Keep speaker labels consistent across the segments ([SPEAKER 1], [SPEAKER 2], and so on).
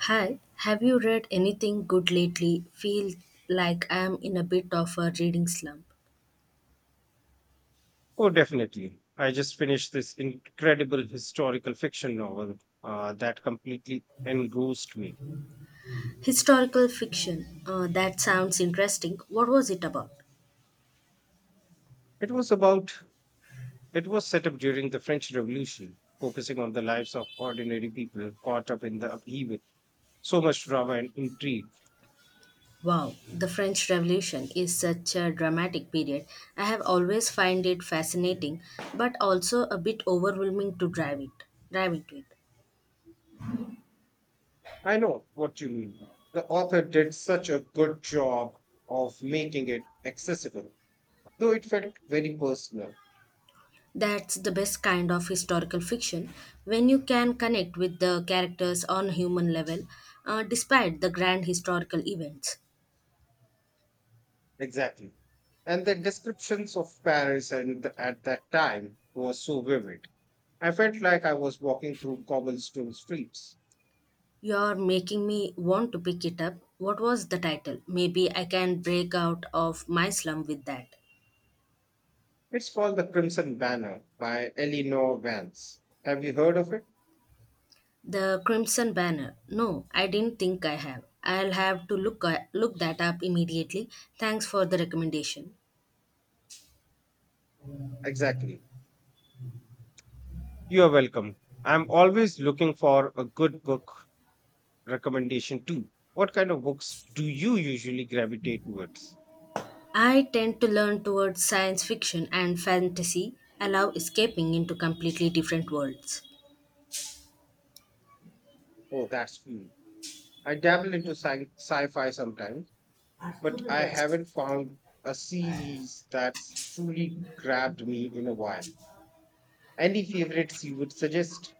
[SPEAKER 1] Hi, have you read anything good lately? Feel like I'm in a bit of a reading slump.
[SPEAKER 2] Oh, definitely. I just finished this incredible historical fiction novel that completely engrossed me.
[SPEAKER 1] Historical fiction. That sounds interesting. What was it about?
[SPEAKER 2] It was about, it was set up during the French Revolution, focusing on the lives of ordinary people caught up in the upheaval. So much drama and intrigue.
[SPEAKER 1] Wow, the French Revolution is such a dramatic period. I have always find it fascinating, but also a bit overwhelming to drive it, drive into it.
[SPEAKER 2] I know what you mean. The author did such a good job of making it accessible, though it felt very personal.
[SPEAKER 1] That's the best kind of historical fiction when you can connect with the characters on human level, despite the grand historical events.
[SPEAKER 2] Exactly. And the descriptions of Paris and at that time was so vivid. I felt like I was walking through cobblestone streets.
[SPEAKER 1] You're making me want to pick it up. What was the title? Maybe I can break out of my slum with that.
[SPEAKER 2] It's called The Crimson Banner by Eleanor Vance. Have you heard of it?
[SPEAKER 1] The Crimson Banner. No, I didn't think I have. I'll have to look look that up immediately. Thanks for the recommendation.
[SPEAKER 2] Exactly. You are welcome. I'm always looking for a good book recommendation too. What kind of books do you usually gravitate towards?
[SPEAKER 1] I tend to learn towards science fiction and fantasy, allow escaping into completely different worlds.
[SPEAKER 2] Oh, that's cool. I dabble into sci-fi sometimes, but I haven't found a series that's truly grabbed me in a while. Any favorites you would suggest?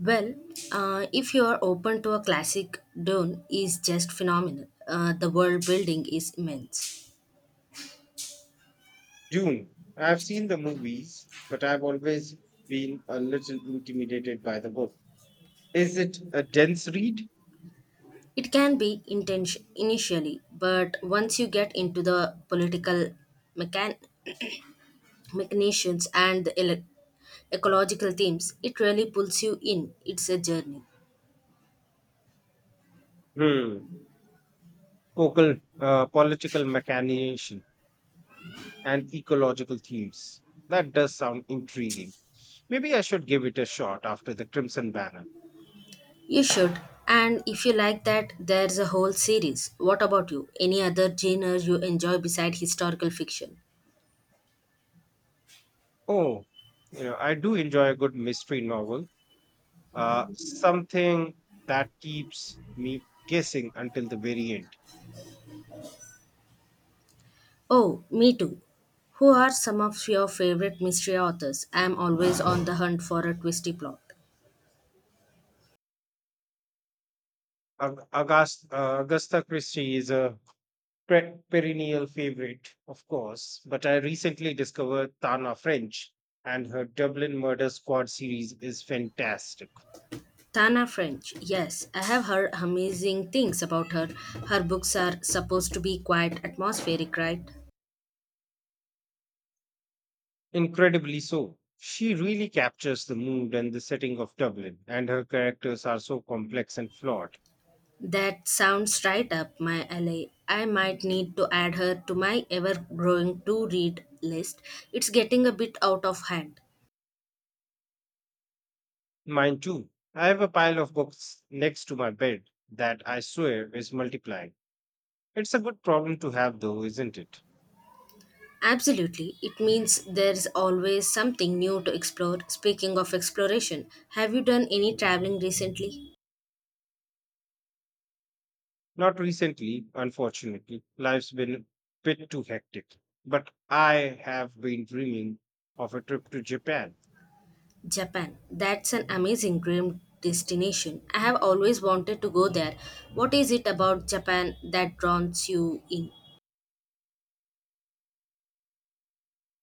[SPEAKER 1] Well, if you are open to a classic, Dune is just phenomenal. The world building is immense.
[SPEAKER 2] Dune. I've seen the movies, but I've always been a little intimidated by the book. Is it a dense read?
[SPEAKER 1] It can be intention initially, but once you get into the political mechan- machinations and the ecological themes, it really pulls you in. It's a journey.
[SPEAKER 2] Hmm. Focal, political mechanization and ecological themes. That does sound intriguing. Maybe I should give it a shot after the Crimson Banner.
[SPEAKER 1] You should. And if you like that, there's a whole series. What about you? Any other genre you enjoy beside historical fiction?
[SPEAKER 2] Oh, you know, I do enjoy a good mystery novel. Something that keeps me guessing until the very end.
[SPEAKER 1] Oh, me too. Who are some of your favorite mystery authors? I'm always on the hunt for a twisty plot.
[SPEAKER 2] Agatha Christie is a perennial favorite, of course, but I recently discovered Tana French, and her Dublin Murder Squad series is fantastic.
[SPEAKER 1] Tana French. Yes, I have heard amazing things about her. Her books are supposed to be quite atmospheric, right?
[SPEAKER 2] Incredibly so. She really captures the mood and the setting of Dublin, and her characters are so complex and flawed.
[SPEAKER 1] That sounds right up my alley. I might need to add her to my ever growing to read list. It's getting a bit out of hand.
[SPEAKER 2] Mine too. I have a pile of books next to my bed that I swear is multiplying. It's a good problem to have though, isn't it?
[SPEAKER 1] Absolutely. It means there's always something new to explore. Speaking of exploration, have you done any traveling recently?
[SPEAKER 2] Not recently, unfortunately. Life's been a bit too hectic. But I have been dreaming of a trip to Japan.
[SPEAKER 1] Japan. That's an amazing dream destination. I have always wanted to go there. What is it about Japan that draws you in?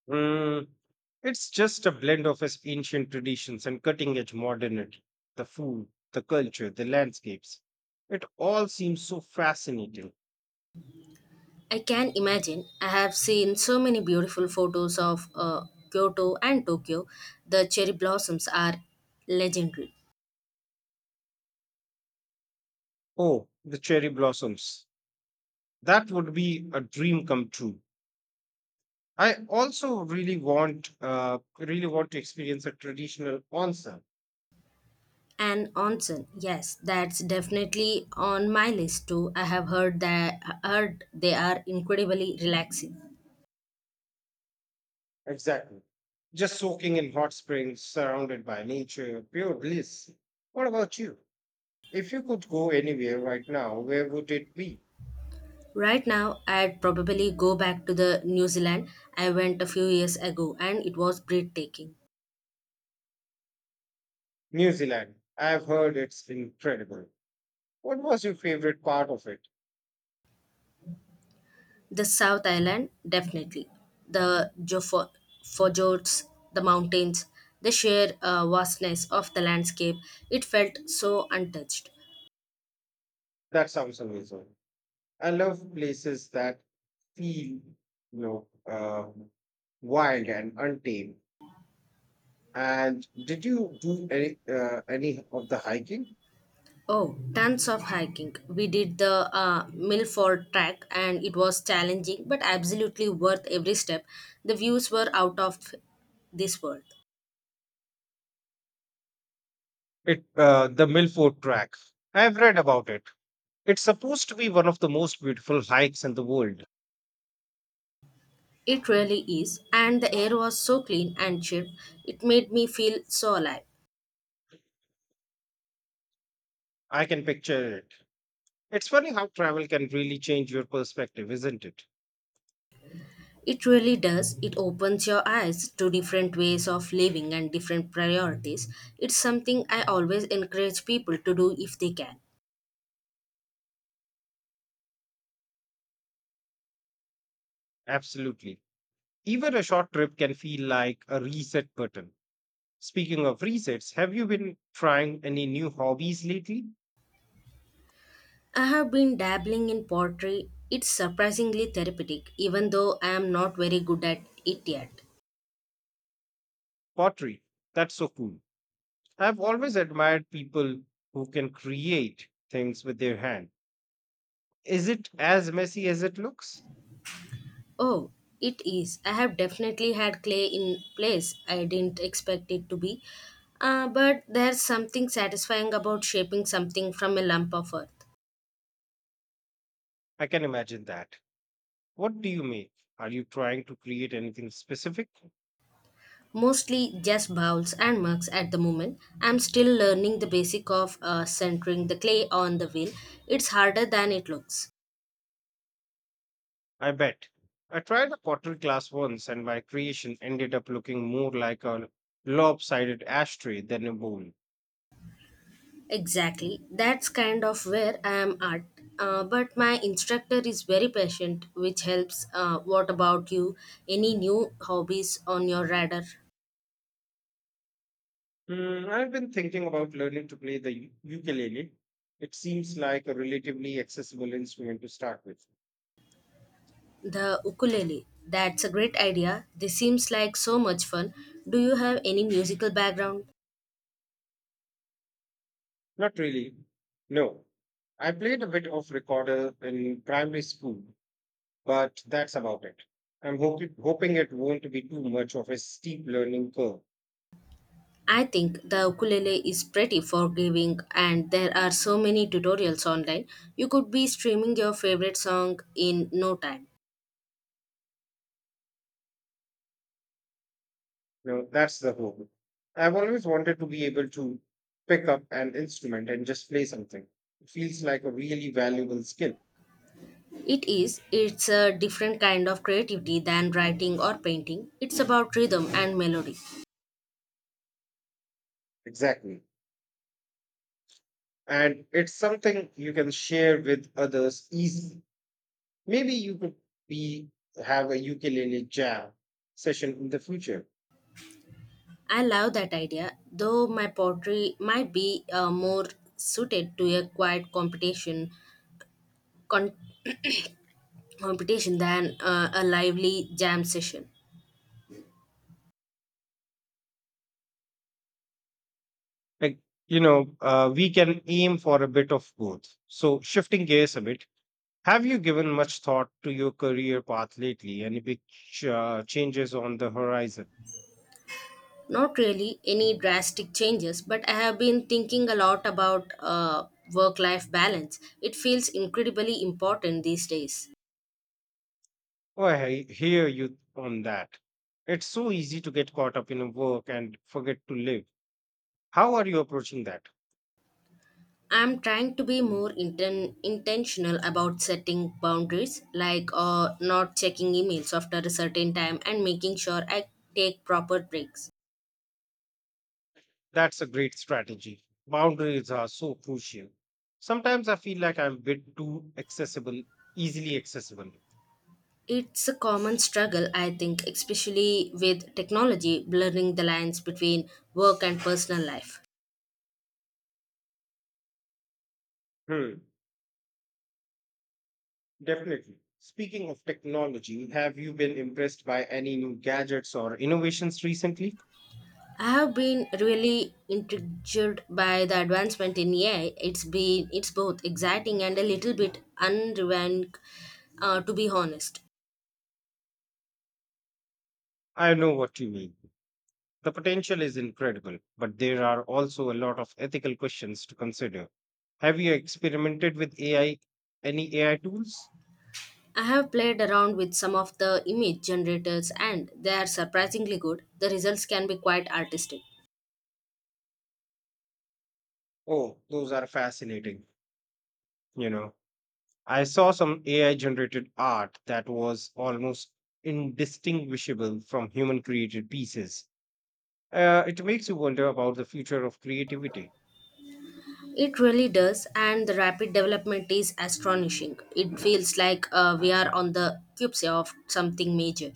[SPEAKER 2] Mm, it's just a blend of its ancient traditions and cutting edge modernity. The food, the culture, the landscapes. It all seems so fascinating.
[SPEAKER 1] I can imagine. I have seen so many beautiful photos of Kyoto and Tokyo. The cherry blossoms are legendary.
[SPEAKER 2] Oh, the cherry blossoms. That would be a dream come true. I also really want to experience a traditional onsen.
[SPEAKER 1] And onsen, yes, that's definitely on my list too. I have heard that heard they are incredibly relaxing.
[SPEAKER 2] Exactly. Just soaking in hot springs surrounded by nature, pure bliss. What about you? If you could go anywhere right now, where would it be?
[SPEAKER 1] Right now, I'd probably go back to the New Zealand I went a few years ago, and it was breathtaking.
[SPEAKER 2] New Zealand. I've heard it's incredible. What was your favorite part of it?
[SPEAKER 1] The South Island, definitely. The fjords, the mountains, the sheer vastness of the landscape. It felt so untouched.
[SPEAKER 2] That sounds amazing. I love places that feel, you know uh, wild and untamed. And did you do any of the hiking?
[SPEAKER 1] Oh, tons of hiking. We did the Milford track, and it was challenging, but absolutely worth every step. The views were out of this world.
[SPEAKER 2] It The Milford Track. I have read about it. It's supposed to be one of the most beautiful hikes in the world.
[SPEAKER 1] It really is, and the air was so clean and cheap, it made me feel so alive.
[SPEAKER 2] I can picture it. It's funny how travel can really change your perspective, isn't it?
[SPEAKER 1] It really does. It opens your eyes to different ways of living and different priorities. It's something I always encourage people to do if they can.
[SPEAKER 2] Absolutely. Even a short trip can feel like a reset button. Speaking of resets, have you been trying any new hobbies lately?
[SPEAKER 1] I have been dabbling in pottery. It's surprisingly therapeutic, even though I am not very good at it yet.
[SPEAKER 2] Pottery. That's so cool. I've always admired people who can create things with their hand. Is it as messy as it looks?
[SPEAKER 1] Oh, it is. I have definitely had clay in place. I didn't expect it to be. But there's something satisfying about shaping something from a lump of earth.
[SPEAKER 2] I can imagine that. What do you make? Are you trying to create anything specific?
[SPEAKER 1] Mostly just bowls and mugs at the moment. I'm still learning the basic of centering the clay on the wheel. It's harder than it looks.
[SPEAKER 2] I bet. I tried a pottery class once and my creation ended up looking more like a lopsided ashtray than a bowl.
[SPEAKER 1] Exactly. That's kind of where I am at. But my instructor is very patient, which helps. What about you? Any new hobbies on your radar?
[SPEAKER 2] Hmm, I've been thinking about learning to play the ukulele. It seems like a relatively accessible instrument to start with.
[SPEAKER 1] The ukulele. That's a great idea. This seems like so much fun. Do you have any musical background?
[SPEAKER 2] Not really. No. I played a bit of recorder in primary school, but that's about it. I'm hoping it won't be too much of a steep learning curve.
[SPEAKER 1] I think the ukulele is pretty forgiving and there are so many tutorials online. You could be streaming your favorite song in no time.
[SPEAKER 2] No, that's the hope. I've always wanted to be able to pick up an instrument and just play something. It feels like a really valuable skill.
[SPEAKER 1] It is. It's a different kind of creativity than writing or painting. It's about rhythm and melody.
[SPEAKER 2] Exactly. And it's something you can share with others easily. Maybe you could be have a ukulele jam session in the future.
[SPEAKER 1] I love that idea, though my poetry might be more suited to a quiet competition, con- competition than a lively jam session.
[SPEAKER 2] Like, we can aim for a bit of both. So, shifting gears a bit, have you given much thought to your career path lately? Any big changes on the horizon?
[SPEAKER 1] Not really any drastic changes, but I have been thinking a lot about work life balance. It feels incredibly important these days.
[SPEAKER 2] Oh, I hear you on that. It's so easy to get caught up in work and forget to live. How are you approaching that?
[SPEAKER 1] I'm trying to be more intentional about setting boundaries, like not checking emails after a certain time and making sure I take proper breaks.
[SPEAKER 2] That's a great strategy. Boundaries are so crucial. Sometimes I feel like I'm a bit too accessible, easily accessible.
[SPEAKER 1] It's a common struggle, I think, especially with technology blurring the lines between work and personal life.
[SPEAKER 2] Hmm, definitely. Speaking of technology, have you been impressed by any new gadgets or innovations recently?
[SPEAKER 1] I have been really intrigued by the advancement in AI. It's both exciting and a little bit unrefined, to be honest.
[SPEAKER 2] I know what you mean. The potential is incredible, but there are also a lot of ethical questions to consider. Have you experimented with AI, any AI tools?
[SPEAKER 1] I have played around with some of the image generators, and they are surprisingly good. The results can be quite artistic.
[SPEAKER 2] Oh, those are fascinating. You know, I saw some AI generated art that was almost indistinguishable from human created pieces. It makes you wonder about the future of creativity.
[SPEAKER 1] It really does, and the rapid development is astonishing. It feels like we are on the cusp of something major.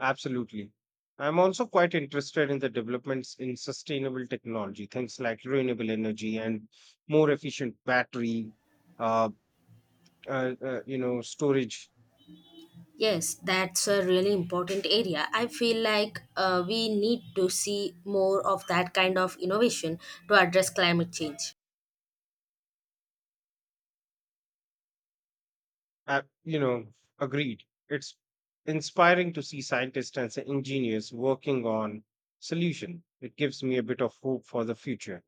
[SPEAKER 2] Absolutely. I'm also quite interested in the developments in sustainable technology, things like renewable energy and more efficient battery, uh, storage.
[SPEAKER 1] Yes, that's a really important area. I feel like we need to see more of that kind of innovation to address climate change.
[SPEAKER 2] Uh, you know, Agreed. It's inspiring to see scientists and engineers working on solution. It gives me a bit of hope for the future.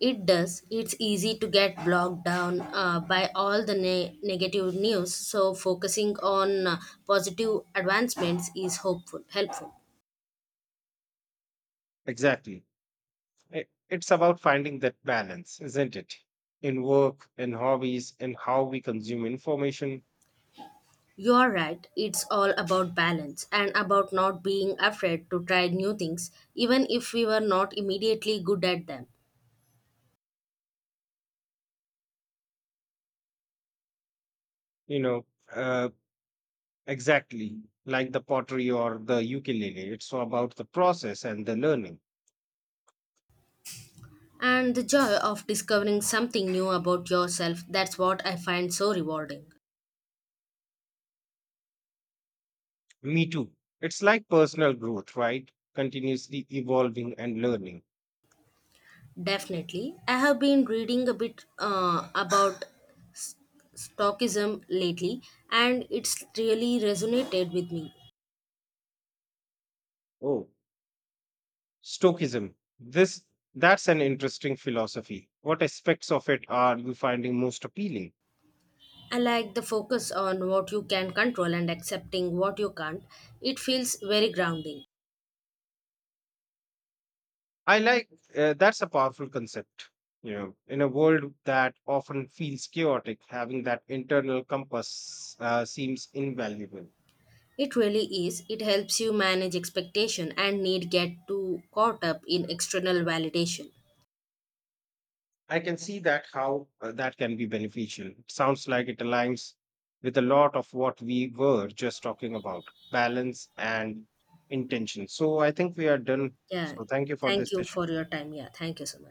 [SPEAKER 1] It does. It's easy to get bogged down by all the negative news, so focusing on positive advancements is hopeful, helpful.
[SPEAKER 2] Exactly. It's about finding that balance, isn't it? In work, in hobbies, in how we consume information.
[SPEAKER 1] You're right. It's all about balance and about not being afraid to try new things, even if we were not immediately good at them.
[SPEAKER 2] You know. Uh, Exactly, like the pottery or the ukulele. It's about the process and the learning.
[SPEAKER 1] And the joy of discovering something new about yourself, that's what I find so rewarding.
[SPEAKER 2] Me too. It's like personal growth, right? Continuously evolving and learning.
[SPEAKER 1] Definitely. I have been reading a bit about Stoicism lately, and it's really resonated with me.
[SPEAKER 2] Oh, Stoicism. This That's an interesting philosophy. What aspects of it are you finding most appealing?
[SPEAKER 1] I like the focus on what you can control and accepting what you can't. It feels very grounding.
[SPEAKER 2] I like That's a powerful concept. You know, in a world that often feels chaotic, having that internal compass seems invaluable.
[SPEAKER 1] It really is. It helps you manage expectation and need get too caught up in external validation.
[SPEAKER 2] I can see that how that can be beneficial. It sounds like it aligns with a lot of what we were just talking about, balance and intention. So I think we are done.
[SPEAKER 1] Yeah.
[SPEAKER 2] So thank you for this
[SPEAKER 1] Thank you for
[SPEAKER 2] session.
[SPEAKER 1] your time. Yeah. Thank you so much.